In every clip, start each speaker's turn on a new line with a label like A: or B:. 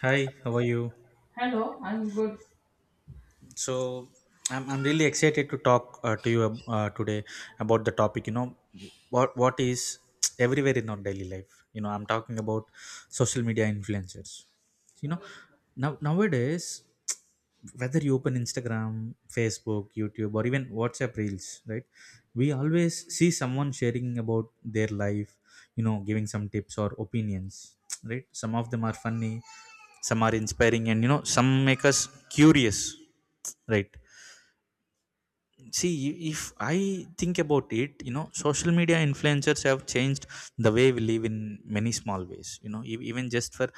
A: Hi, how are you?
B: Hello, I'm good.
A: So, I'm really excited to talk to you today about the topic. What is everywhere in our daily life. I'm talking about social media influencers. You know, Nowadays, whether you open Instagram, Facebook, YouTube, or even WhatsApp Reels, right, we always see someone sharing about their life, giving some tips or opinions, right. Some of them are funny, some are inspiring, and some make us curious, right. See, if I think about it, social media influencers have changed the way we live in many small ways, even just for,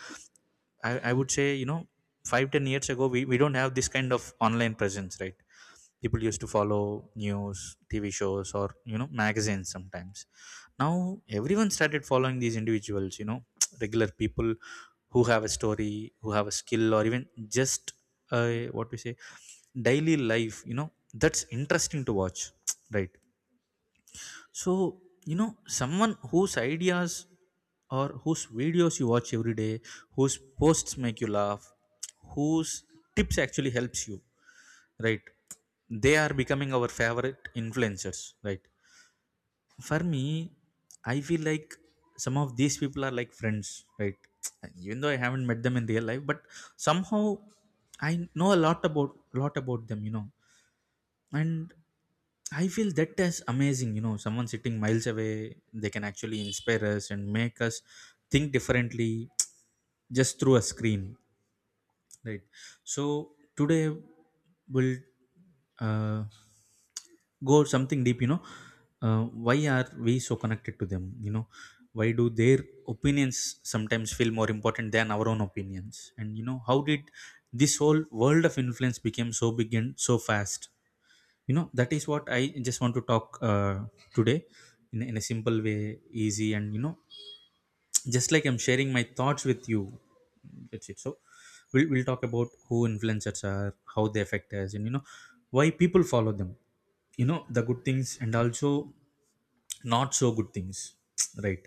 A: I would say, 5, 10 years ago. We don't have this kind of online presence, right. People used to follow news, TV shows, or magazines sometimes. Now everyone started following these individuals, regular people who have a story, who have a skill, or even just uh, what we say daily life, that's interesting to watch, right. So, someone whose ideas or whose videos you watch every day, whose posts make you laugh, whose tips actually helps you, right? They are becoming our favorite influencers, right? For me, I feel like some of these people are like friends, right? Even though I haven't met them in real life, but somehow I know a lot about them, you know. And I feel that is amazing. You know, someone sitting miles away, they can actually inspire us and make us think differently just through a screen, right? So today we'll uh, go something deep. Why are we so connected to them? You know, why do their opinions sometimes feel more important than our own opinions? And you know, how did this whole world of influence became so big and so fast? That is what I just want to talk today, in a simple way, easy, and you know, just like I'm sharing my thoughts with you. That's it. So we'll talk about who influencers are, how they affect us, and why people follow them, the good things and also not so good things, right.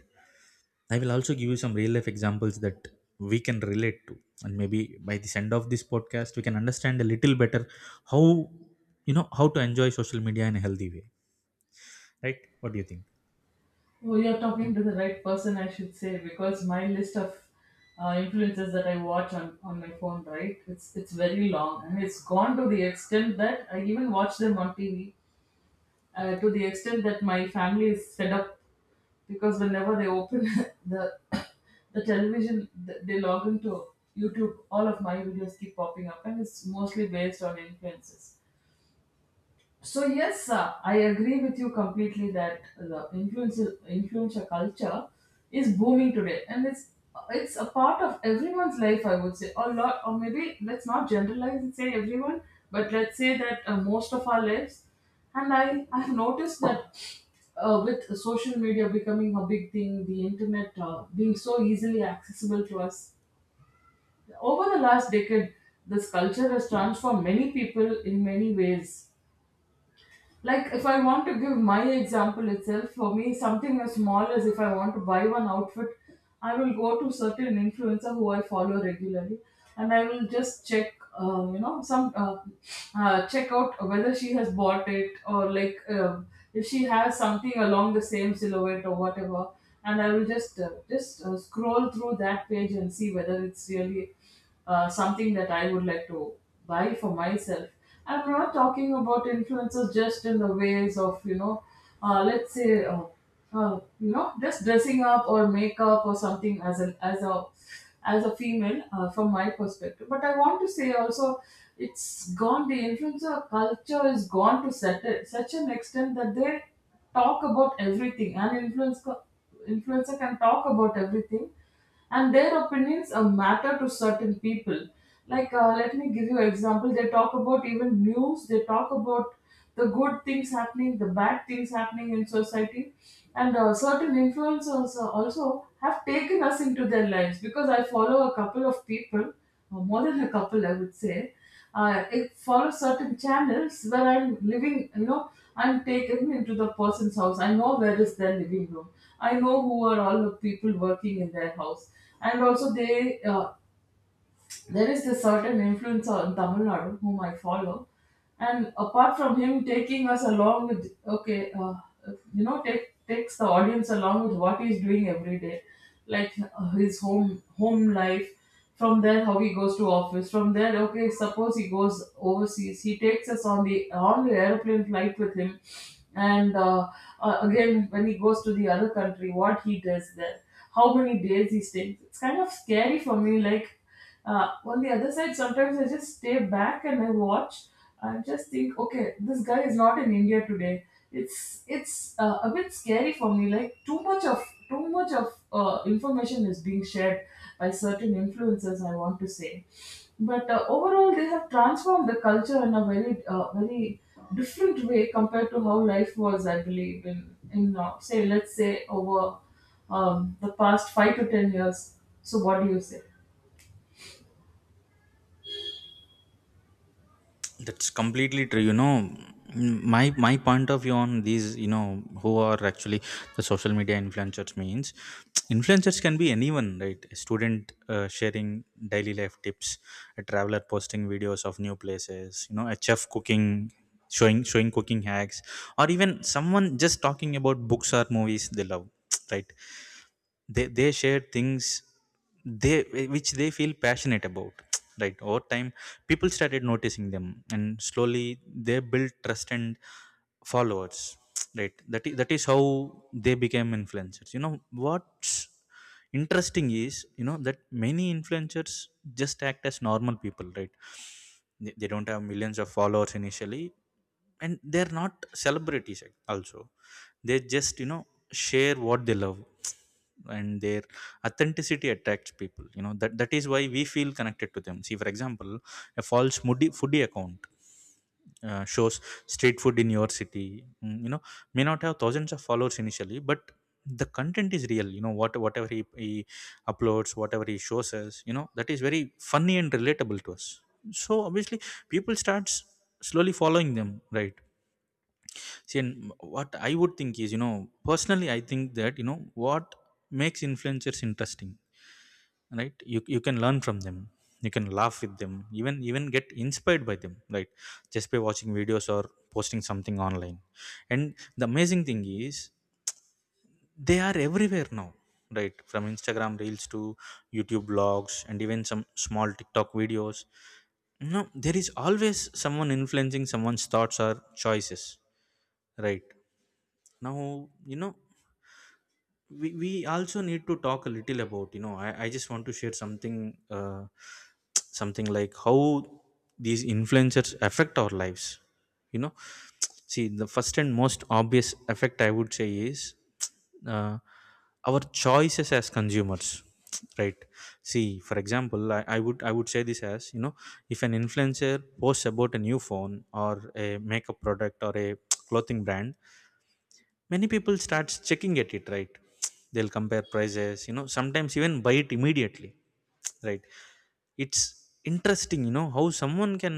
A: I will also give you some real life examples that we can relate to. And maybe by this end of this podcast we can understand a little better how, how to enjoy social media in a healthy way, right. What do you think?
B: Oh, you're talking to the right person, I should say, because my list of influences that I watch on, my phone, right? It's very long, and it's gone to the extent that I even watch them on TV. To the extent that my family is fed up because whenever they open the the television, they log into YouTube. All of my videos keep popping up, and it's mostly based on influences. So yes, I agree with you completely that the influencer culture is booming today, and it's a part of everyone's life. I would say a lot, or maybe let's not generalize and say everyone, but let's say that most of our lives. And I've noticed that with social media becoming a big thing, the internet being so easily accessible to us over the last decade, this culture has transformed many people in many ways. Like if I want to give my example itself, for me something as small as if I want to buy one outfit, I will go to certain influencer who I follow regularly, and I will just check you know, some check out whether she has bought it, or like, if she has something along the same silhouette or whatever, and I will just scroll through that page and see whether it's really something that I would like to buy for myself. I'm not talking about influencers just in the ways of, you know, uh, let's say, uh, you know, just dressing up or makeup or something as an as a female from my perspective. But I want to say also, it's gone. The influencer culture is gone to such an extent that they talk about everything. An influencer can talk about everything, and their opinions matter to certain people. Like let me give you an example. They talk about even news. They talk about the good things happening, the bad things happening in society. And certain influencers also have taken us into their lives, because I follow a couple of people, or more than a couple I would say. Uh, I follow certain channels where I'm living, you know, I'm taken into the person's house. I know where is their living room. I know who are all the people working in their house. And also they there is a certain influencer in Tamil Nadu whom I follow, and apart from him taking us along with, okay, you know, takes the audience along with what he's doing every day, like his home life. From there, how he goes to office. From there, okay, suppose he goes overseas, he takes us on the airplane flight with him, and again when he goes to the other country, what he does there, how many days he stays. It's kind of scary for me, like on the other side, sometimes I just stay back and I watch. I just think, okay, this guy is not in India today. It's a bit scary for me. Like too much of information is being shared by certain influencers, I want to say. But overall, they have transformed the culture in a very very different way compared to how life was, I believe, in say let's say over the past 5 to 10 years. So what do you say?
A: That's completely true. You know, Mm, my my point of view on these, you know, who are actually the social media influencers means, influencers can be anyone, right? A student sharing daily life tips, a traveler posting videos of new places, you know, a chef cooking, showing cooking hacks, or even someone just talking about books or movies they love, right? They share things they which they feel passionate about, right. Over time people started noticing them, and slowly they built trust and followers, right. That is how they became influencers. You know what interesting is, you know, that many influencers just act as normal people, right. They don't have millions of followers initially, and they're not celebrities also. They just, you know, share what they love, and their authenticity attracts people. You know, that is why we feel connected to them. See, for example, a false moody foodie account shows street food in your city, you know, may not have thousands of followers initially, but the content is real. You know what, whatever he uploads, whatever he shows us, you know, that is very funny and relatable to us. So obviously people starts slowly following them, right. See, and what I would think is, you know, personally I think that, you know, what makes influencers interesting, right. You can learn from them, you can laugh with them, even get inspired by them, right, just by watching videos or posting something online. And the amazing thing is, they are everywhere now, right, from Instagram Reels to YouTube blogs and even some small TikTok videos. No, there is always someone influencing someone's thoughts or choices, right. Now, you know, we also need to talk a little about, you know, I just want to share something, something like how these influencers affect our lives, you know. See, the first and most obvious effect I would say is uh, our choices as consumers, right. See, for example, I would say this as, you know, if an influencer posts about a new phone or a makeup product or a clothing brand, many people starts checking at it, right. They'll compare prices, you know, sometimes even buy it immediately, right. It's interesting, you know, how someone can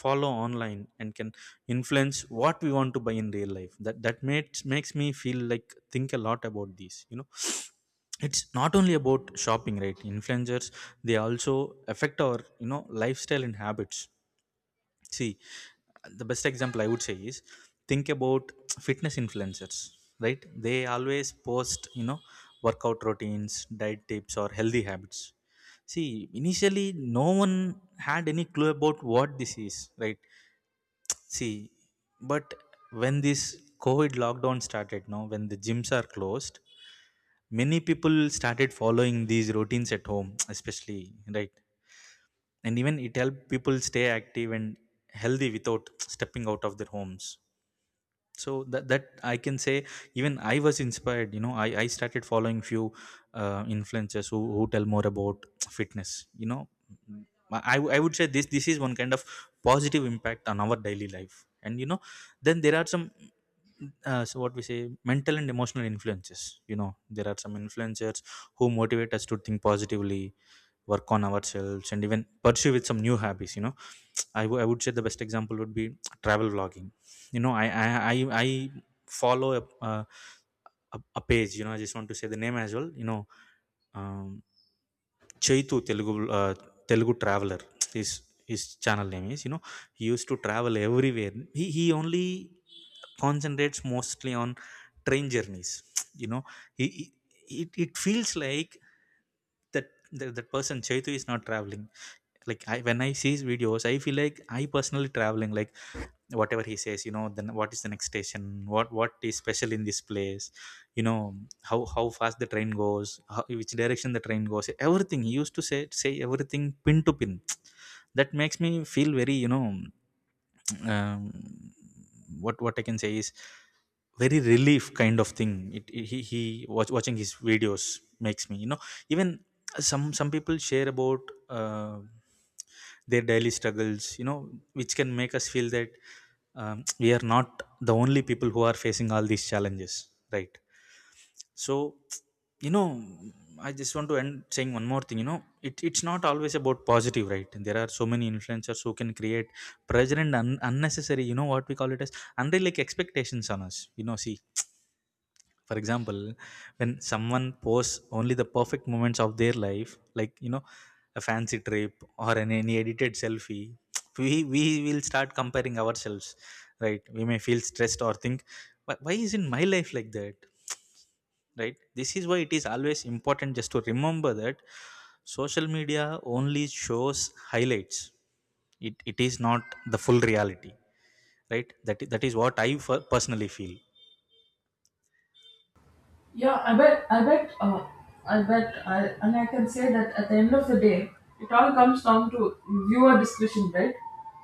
A: follow online and can influence what we want to buy in real life. That makes me feel like, think a lot about these, you know. It's not only about shopping, right. Influencers, they also affect our, you know, lifestyle and habits. See, the best example I would say is, think about fitness influencers, right? They always post, you know, workout routines, diet tips, or healthy habits. See, initially, no one had any clue about what this is, right? See, but when this COVID lockdown started, now when the gyms are closed, many people started following these routines at home, especially, right? And even it helped people stay active and healthy without stepping out of their homes. So that I can say, even I was inspired, you know. I started following few influencers who tell more about fitness. You know, I would say, this is one kind of positive impact on our daily life. And you know, then there are some so what we say mental and emotional influences. You know, there are some influencers who motivate us to think positively, work on ourselves, and even pursue with some new habits. You know, I would say the best example would be travel vlogging. You know, I follow a, uh, a page. You know, I just want to say the name as well. You know, um, Chaitu Telugu, Telugu Traveler. His his channel name is. You know, he used to travel everywhere. He only concentrates mostly on train journeys. You know, he it feels like that, that person Chaitu is not traveling. Like, when I see his videos, I feel like I personally traveling. Like, whatever he says, you know, then what is the next station, what is special in this place, you know, how fast the train goes, which direction the train goes, everything he used to say everything pin to pin. That makes me feel very, you know, um, what I can say is, very relief kind of thing. He watching his videos makes me, you know, even some people share about, uh, their daily struggles, you know, which can make us feel that, we are not the only people who are facing all these challenges, right. So, you know, I just want to end saying one more thing. You know, it's not always about positive, right. There are so many influencers who can create pressure and unnecessary, you know, what we call it as, unrealistic expectations on us. You know, see, for example, when someone posts only the perfect moments of their life, like, you know, a fancy trip or an any edited selfie, we will start comparing ourselves, right. We may feel stressed or think, "Why isn't my life like that?" Right, this is why it is always important just to remember that social media only shows highlights. It is not the full reality, right. That is what I personally feel.
B: Yeah, I bet, and I can say that at the end of the day, it all comes down to viewer discretion, right?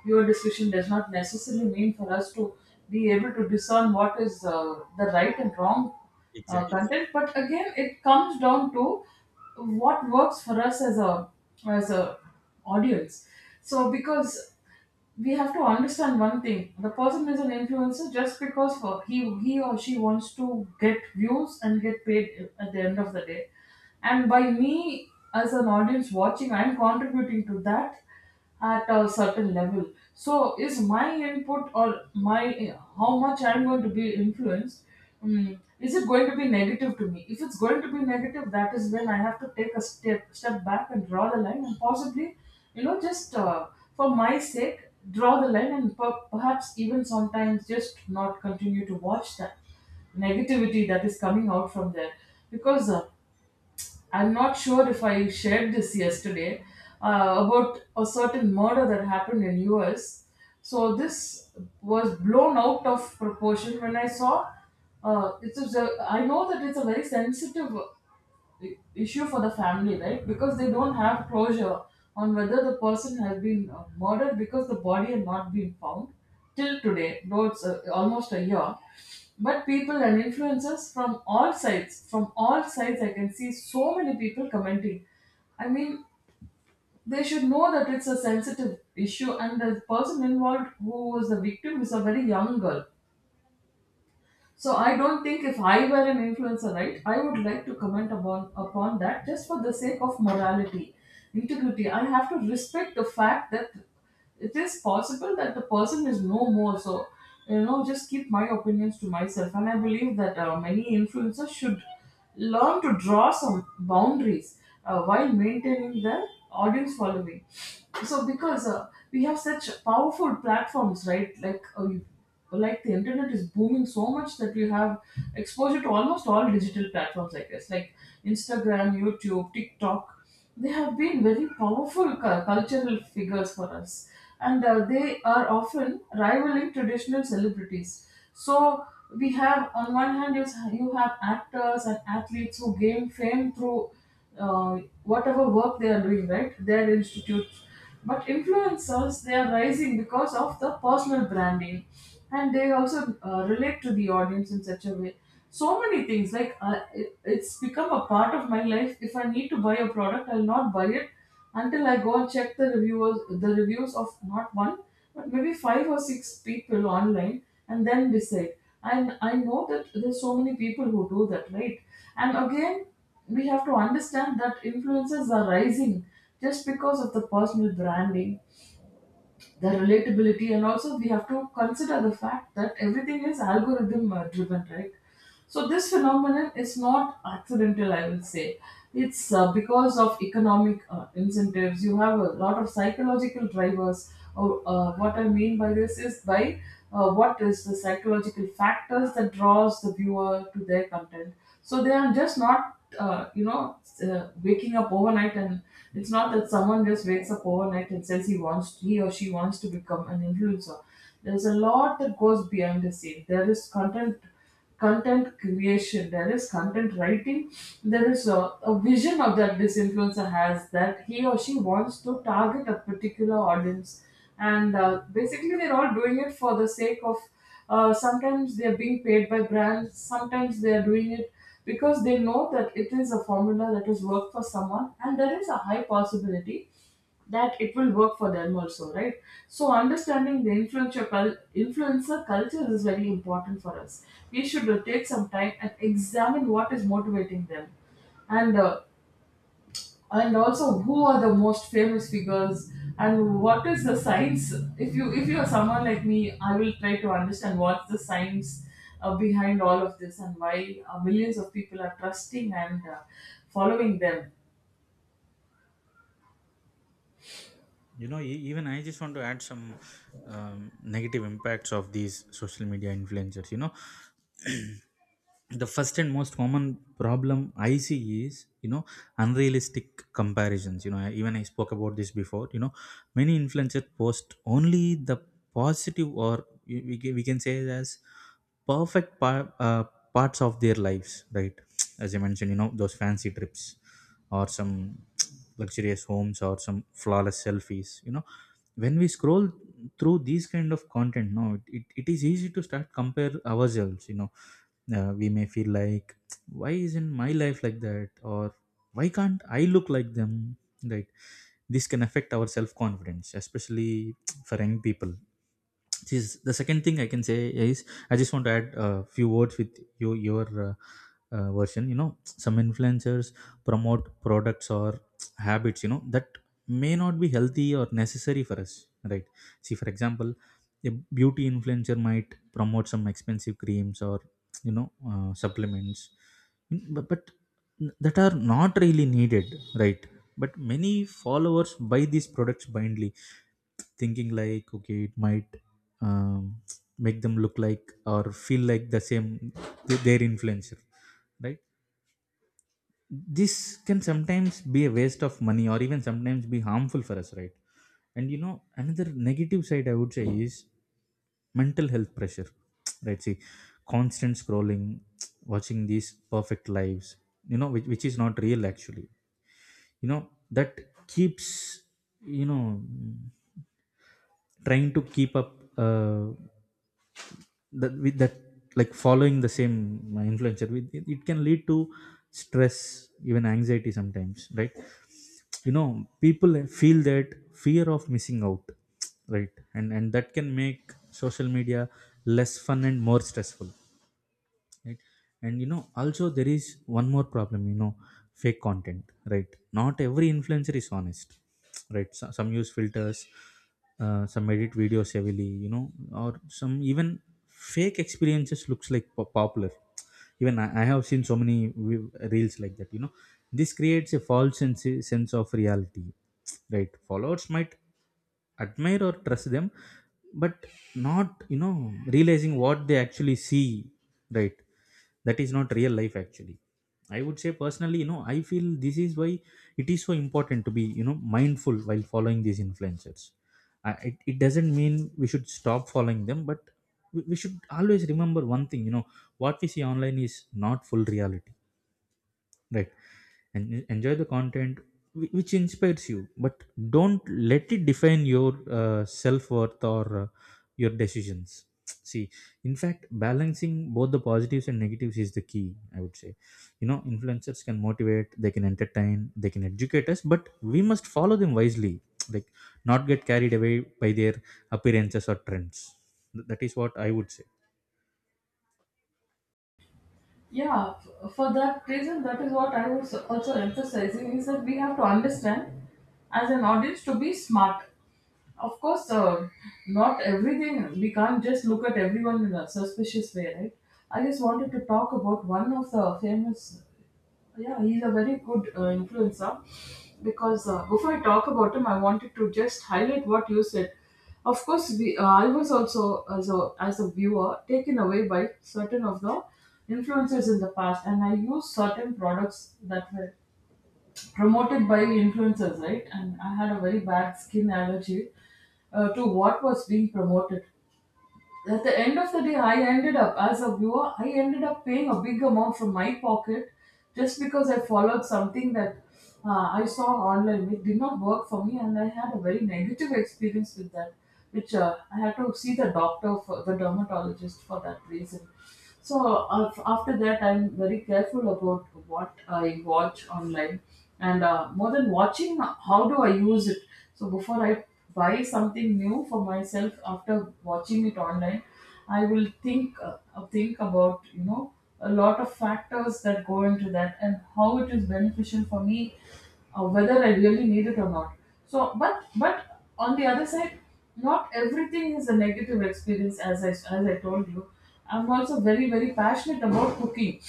B: Viewer discretion does not necessarily mean for us to be able to discern what is the right and wrong
A: Exactly.
B: content, but again, it comes down to what works for us as a audience. So because we have to understand one thing, the person is an influencer just because for he or she wants to get views and get paid at the end of the day, and by me as an audience watching, I'm contributing to that at a certain level. So is my input, or my, how much I'm going to be influenced, mm, is it going to be negative to me? If it's going to be negative, that is when I have to take a step back and draw the line, and possibly, you know, just for my sake, draw the line, and perhaps even sometimes just not continue to watch that negativity that is coming out from there. Because I'm not sure if I shared this yesterday about a certain murder that happened in US. So this was blown out of proportion. When I saw, uh, it was a, I know that it's a very sensitive issue for the family, right? Because they don't have closure on whether the person has been murdered, because the body had not been found till today, though it's almost a year. But people and influencers from all sides, I can see so many people commenting. I mean, they should know that it's a sensitive issue, and the person involved who was the victim is a very young girl. So I don't think, if I were an influencer, right, I would like to comment upon that. Just for the sake of morality, integrity, I have to respect the fact that it is possible that the person is no more. So you know, just keep my opinions to myself. And I believe that many influencers should learn to draw some boundaries while maintaining their audience following. So because we have such powerful platforms, right? Like like the internet is booming so much that we have exposure to almost all digital platforms, I guess, like Instagram, YouTube, TikTok. They have been very powerful cultural figures for us, and they are often rivaling traditional celebrities. So we have, on one hand, you have actors and athletes who gain fame through uh, whatever work they are doing, right? Their institutes. But influencers, they are rising because of the personal branding, and they also relate to the audience in such a way. So many things, like it's become a part of my life. If I need to buy a product, I'll not buy it until I go and check the reviewers, the reviews of not one, but maybe five or six people online, and then decide. And I know that there's so many people who do that, right? And again, we have to understand that influencers are rising just because of the personal branding, the relatability, and also we have to consider the fact that everything is algorithm driven, right? So this phenomenon is not accidental, I will say. It's because of economic incentives. You have a lot of psychological drivers. Or what I mean by this is by what is the psychological factors that draws the viewer to their content. So they are just not you know, waking up overnight, and it's not that someone just wakes up overnight and says he wants, he or she wants to become an influencer. There's a lot that goes behind the scene. There is content creation, there is content writing, there is a vision of that this influencer has, that he or she wants to target a particular audience. And basically, they're all doing it for the sake of sometimes they're being paid by brands, sometimes they're doing it because they know that it is a formula that has worked for someone, and there is a high possibility that it will work for them also, right? So understanding the influencer influencer culture is very important for us. We should take some time and examine what is motivating them, and uh, and also who are the most famous figures, and what is the science. If you if you are someone like me, I will try to understand what's the science behind all of this, and why millions of people are trusting and following them.
A: You know, even I just want to add some, negative impacts of these social media influencers. You know, the first and most common problem I see is, you know, unrealistic comparisons. You know, even I spoke about this before. You know, many influencers post only the positive, or we can say it as perfect parts of their lives, right. As I mentioned, you know, those fancy trips or some luxurious homes or some flawless selfies, you know, when we scroll through these kind of content, no, it is easy to start compare ourselves. You know, we may feel like, why isn't my life like that, or why can't I look like them, right. This can affect our self confidence, especially for young people. This is the second thing I can say is I just want to add a few words with your version. Some influencers promote products or habits that may not be healthy or necessary for us, right? See, for example, a beauty influencer might promote some expensive creams or, supplements, but that are not really needed, right? But many followers buy these products blindly, thinking like, okay, it might um, make them look like or feel like the same their influencer, right? This can sometimes be a waste of money or even sometimes be harmful for us, right? And another negative side I would say is mental health pressure. right? See, constant scrolling, watching these perfect lives, which is not real actually, you know, that keeps, you know trying to keep up uh, that with that, like following the same influencer, it can lead to stress, even anxiety sometimes, right? You know, people feel that fear of missing out, right? And that can make social media less fun and more stressful, right? And, you know, also there is one more problem, you know, fake content. Right? Not every influencer is honest, right? So some use filters, some edit videos heavily, you know, or some even fake experiences, looks like popular. Even I have seen so many reels like that, you know. This creates a false sense of reality. Right? Followers might admire or trust them, but not, you know, realizing what they actually see, right? That is not real life actually. I would say personally, you know, I feel this is why it is so important to be, you know, mindful while following these influencers. It doesn't mean we should stop following them, but we should always remember one thing, you know, what we see online is not full reality, right? And enjoy the content which inspires you, but don't let it define your self-worth or your decisions. See, in fact, balancing both the positives and negatives is the key, I would say. You know, influencers can motivate, they can entertain, they can educate us, but we must follow them wisely, like not get carried away by their appearances or trends. That is what I would say.
B: Yeah, for that reason, that is what I was also emphasizing, is that we have to understand as an audience to be smart. Of course, not everything, we can't just look at everyone in a suspicious way, right? I just wanted to talk about one of the famous, yeah, he's a very good influencer. Because before I talk about him, I wanted to just highlight what you said. Of course, we I was also as a viewer taken away by certain of the influencers in the past, and I used certain products that were promoted by influencers, right? And I had a very bad skin allergy to what was being promoted. At the end of the day, I ended up, as a viewer, I ended up paying a big amount from my pocket just because I followed something that I saw online. It did not work for me, and I had a very negative experience with that, which I had to see the doctor, for, the dermatologist, for that reason. So after that, I'm very careful about what I watch online, and more than watching, how do I use it? So before I buy something new for myself after watching it online, I will think about a lot of factors that go into that and how it is beneficial for me, whether I really need it or not. So, but on the other side, not everything is a negative experience, as I told you. I'm also very very passionate about cooking.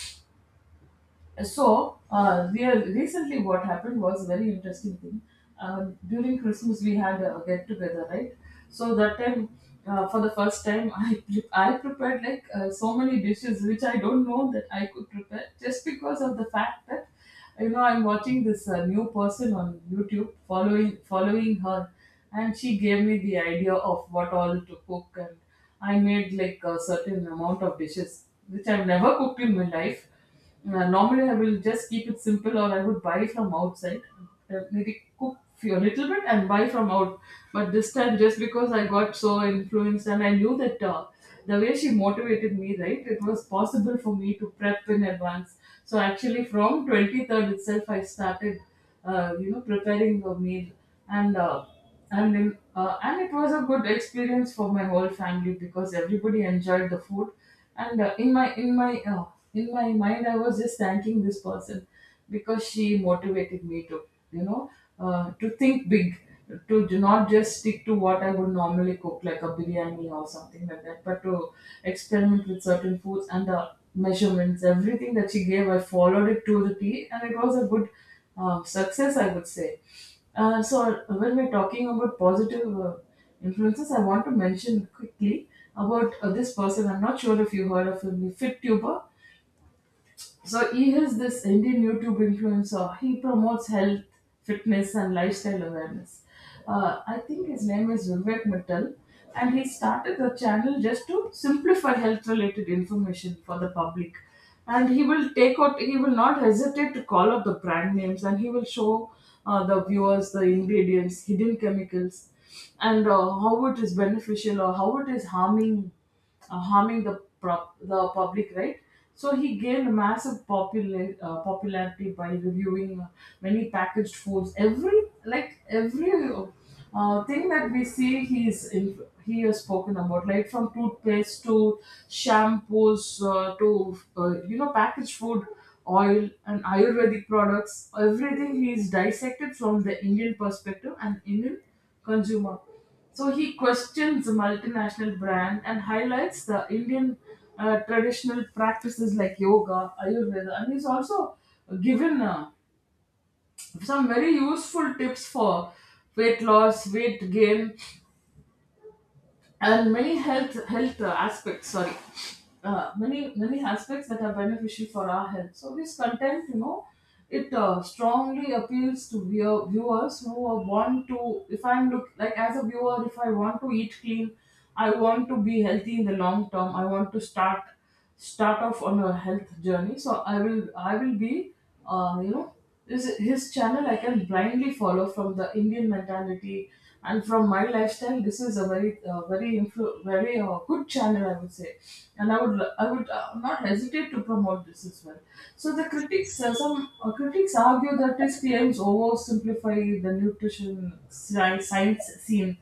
B: So recently what happened was a very interesting thing. During Christmas we had a get together, right? So that time, for the first time, I prepared like so many dishes which I don't know that I could prepare, just because of the fact that I'm watching this new person on YouTube, following her. And she gave me the idea of what all to cook, and I made like a certain amount of dishes which I've never cooked in my life. Normally, I will just keep it simple, or I would buy from outside. Maybe cook a little bit and buy from out. But this time, just because I got so influenced and I knew that the way she motivated me, right, it was possible for me to prep in advance. So actually, from 23rd itself, I started, preparing a meal, and. Uh, and it was a good experience for my whole family because everybody enjoyed the food. And in my mind I was just thanking this person, because she motivated me to you know to think big, to do not just stick to what I would normally cook, like a biryani or something like that, but to experiment with certain foods. And the measurements, everything that she gave, I followed it to the T, and it was a good success, I would say. So when we're talking about positive influences, I want to mention quickly about this person. I'm not sure if you heard of him, the FitTuber. So he is this Indian YouTube influencer. He promotes health, fitness, and lifestyle awareness. I think his name is Vivek Mittal, and he started the channel just to simplify health-related information for the public. And he will take out. He will not hesitate to call out the brand names, and he will show the viewers the ingredients, hidden chemicals, and how it is beneficial or how it is harming the public, right? So he gained massive popularity by reviewing many packaged foods. Every thing that we see, he has spoken about, right? From toothpaste to shampoos, to packaged food, oil and Ayurvedic products. Everything he's dissected from the Indian perspective and Indian consumer. So he questions the multinational brand and highlights the Indian traditional practices like yoga, Ayurveda, and he's also given some very useful tips for weight loss, weight gain, and many health aspects, sorry, many aspects that are beneficial for our health. So this content, it strongly appeals to viewers who are want to, if I'm look like, as a viewer, if I want to eat clean, I want to be healthy in the long term, I want to start off on a health journey. So I will be, uh, you know this his channel I can blindly follow from the Indian mentality and from my lifestyle. This is a very good channel, I would say, and I would not hesitate to promote this as well. So the critics some critics argue that his claims oversimplify the nutrition science scene,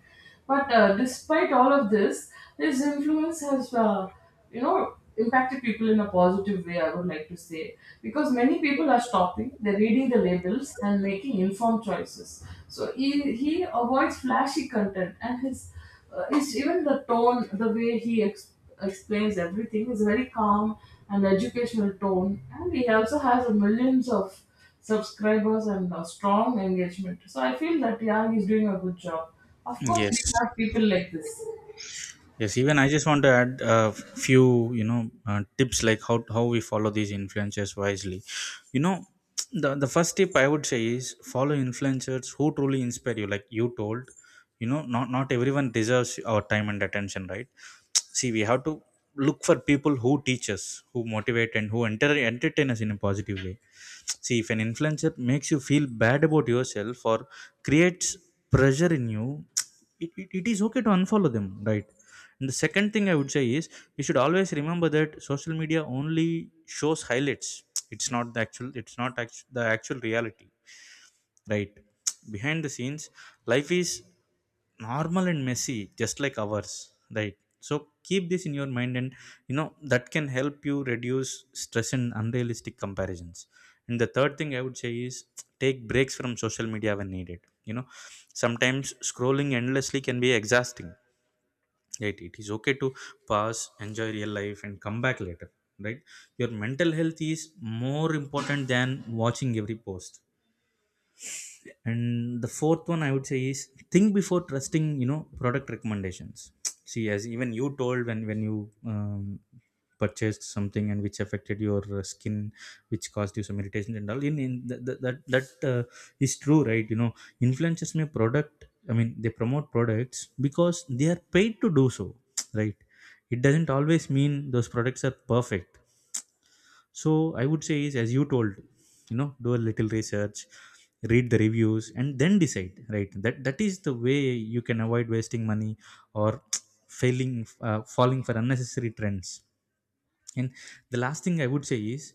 B: but despite all of this, his influence has, impacted people in a positive way, I would like to say, because many people are stopping, they're reading the labels and making informed choices. So he avoids flashy content, and his is even the tone, the way he explains everything is very calm and educational tone, and he also has millions of subscribers and a strong engagement. So I feel that Yang is doing a good job. Of course, we
A: Yes.
B: have people like this.
A: Yes, even I just want to add a few, you know, tips like how we follow these influencers wisely. You know, the first tip I would say is follow influencers who truly inspire you. Like you told, you know, not everyone deserves our time and attention, right? See, we have to look for people who teach us, who motivate, and who entertain us in a positive way. See, if an influencer makes you feel bad about yourself or creates pressure in you, it is okay to unfollow them, right? And the second thing I would say is we should always remember that social media only shows highlights. It's not the actual. It's not the actual reality, right? Behind the scenes, life is normal and messy, just like ours, right? So keep this in your mind, and, you know, that can help you reduce stress and unrealistic comparisons. And the third thing I would say is take breaks from social media when needed. You know, sometimes scrolling endlessly can be exhausting, right? It is okay to pause, enjoy real life, and come back later, right? Your mental health is more important than watching every post. And the fourth one I would say is think before trusting, you know, product recommendations. see, as even you told, when you um, purchased something and which affected your skin, which caused you some irritations and all, in that that that, that uh, is true, right? You know, influencers may product I mean they promote products because they are paid to do so, right? It doesn't always mean those products are perfect. So I would say is, as you told, you know, do a little research, read the reviews, and then decide, right? That is the way you can avoid wasting money or failing falling for unnecessary trends. And the last thing I would say is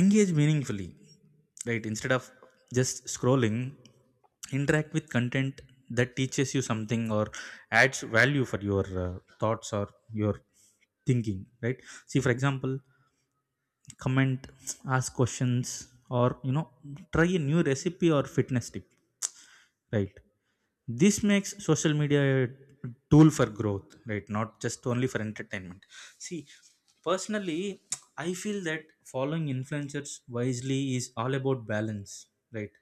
A: engage meaningfully, right? Instead of just scrolling, interact with content that teaches you something or adds value for your thoughts or your thinking, right? See, for example, comment, ask questions, or, you know, try a new recipe or fitness tip, right? This makes social media a tool for growth, right, not just only for entertainment. See, personally, I feel that following influencers wisely is all about balance, right?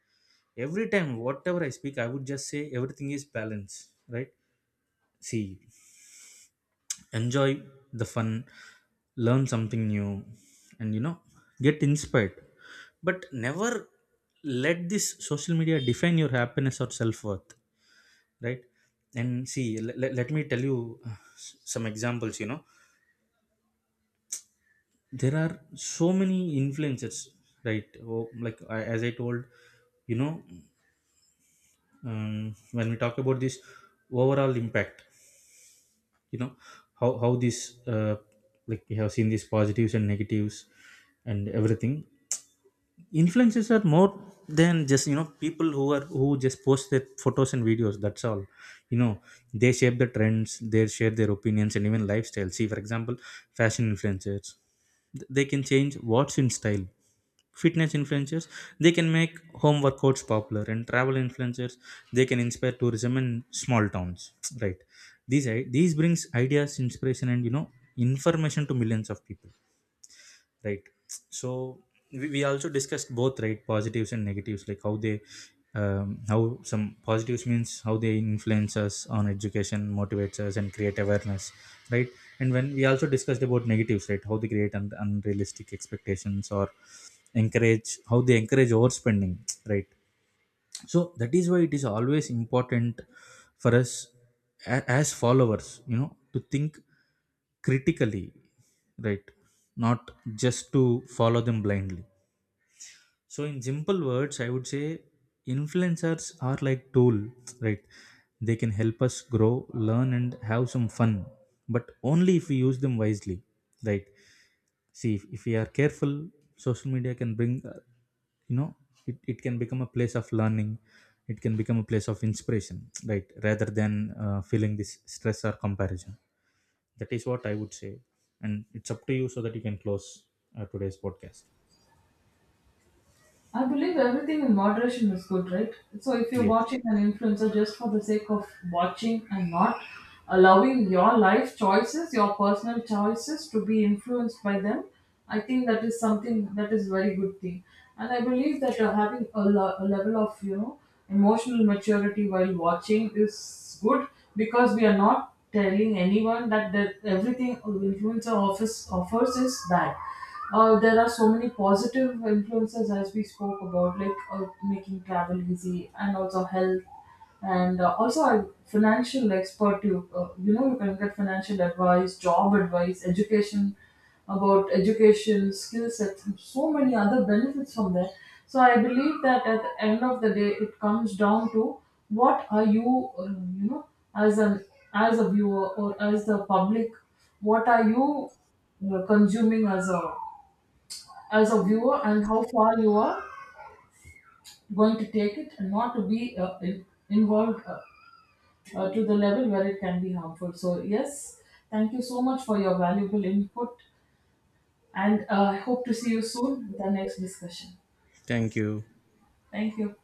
A: Every time whatever I speak, I would just say everything is balance, right? See, enjoy the fun, learn something new, and, you know, get inspired, but never let this social media define your happiness or self-worth, right? And see, let me tell you some examples, you know. There are so many influencers, right? Oh, like as I told, you know, when we talk about this overall impact, you know, how this uh, like, we have seen these positives and negatives and everything, influences are more than just, you know, people who are who just post their photos and videos, that's all, you know. They shape the trends, they share their opinions, and even lifestyle. See, for example, fashion influencers, they can change what's in style. Fitness influencers, they can make home workouts popular. And travel influencers, they can inspire tourism in small towns, right? These these brings ideas, inspiration, and, you know, information to millions of people, right? So we also discussed both, right, positives and negatives, like how they how some positives means how they influence us on education, motivates us, and create awareness, right? And when we also discussed about negatives, right, how they create unrealistic expectations or encourage, how they encourage overspending, right? So that is why it is always important for us as followers, you know, to think critically, right, not just to follow them blindly. So in simple words, I would say influencers are like tool, right? They can help us grow, learn, and have some fun, but only if we use them wisely, right? See, if we are careful, social media can bring, you know, it can become a place of learning, it can become a place of inspiration, right, rather than feeling this stress or comparison. That is what I would say. And it's up to you so that you can close today's podcast.
B: I believe everything in moderation is good, right? So if you're
A: Yes.
B: watching an influencer just for the sake of watching and not allowing your life choices, your personal choices to be influenced by them, I think that is something that is very good thing. And I believe that having a level of emotional maturity while watching is good, because we are not telling anyone that everything influencer office offers is bad. There are so many positive influences as we spoke about, like making travel easy, and also health, and also a financial expert. You can get financial advice, job advice, education about education, skill sets, and so many other benefits from there. So I believe that at the end of the day, it comes down to what are you, as an as a viewer or as the public, what are you consuming as a viewer, and how far you are going to take it, and not to be involved to the level where it can be harmful. So yes, thank you so much for your valuable input. And I hope to see you soon with the next discussion.
A: Thank you.
B: Thank you.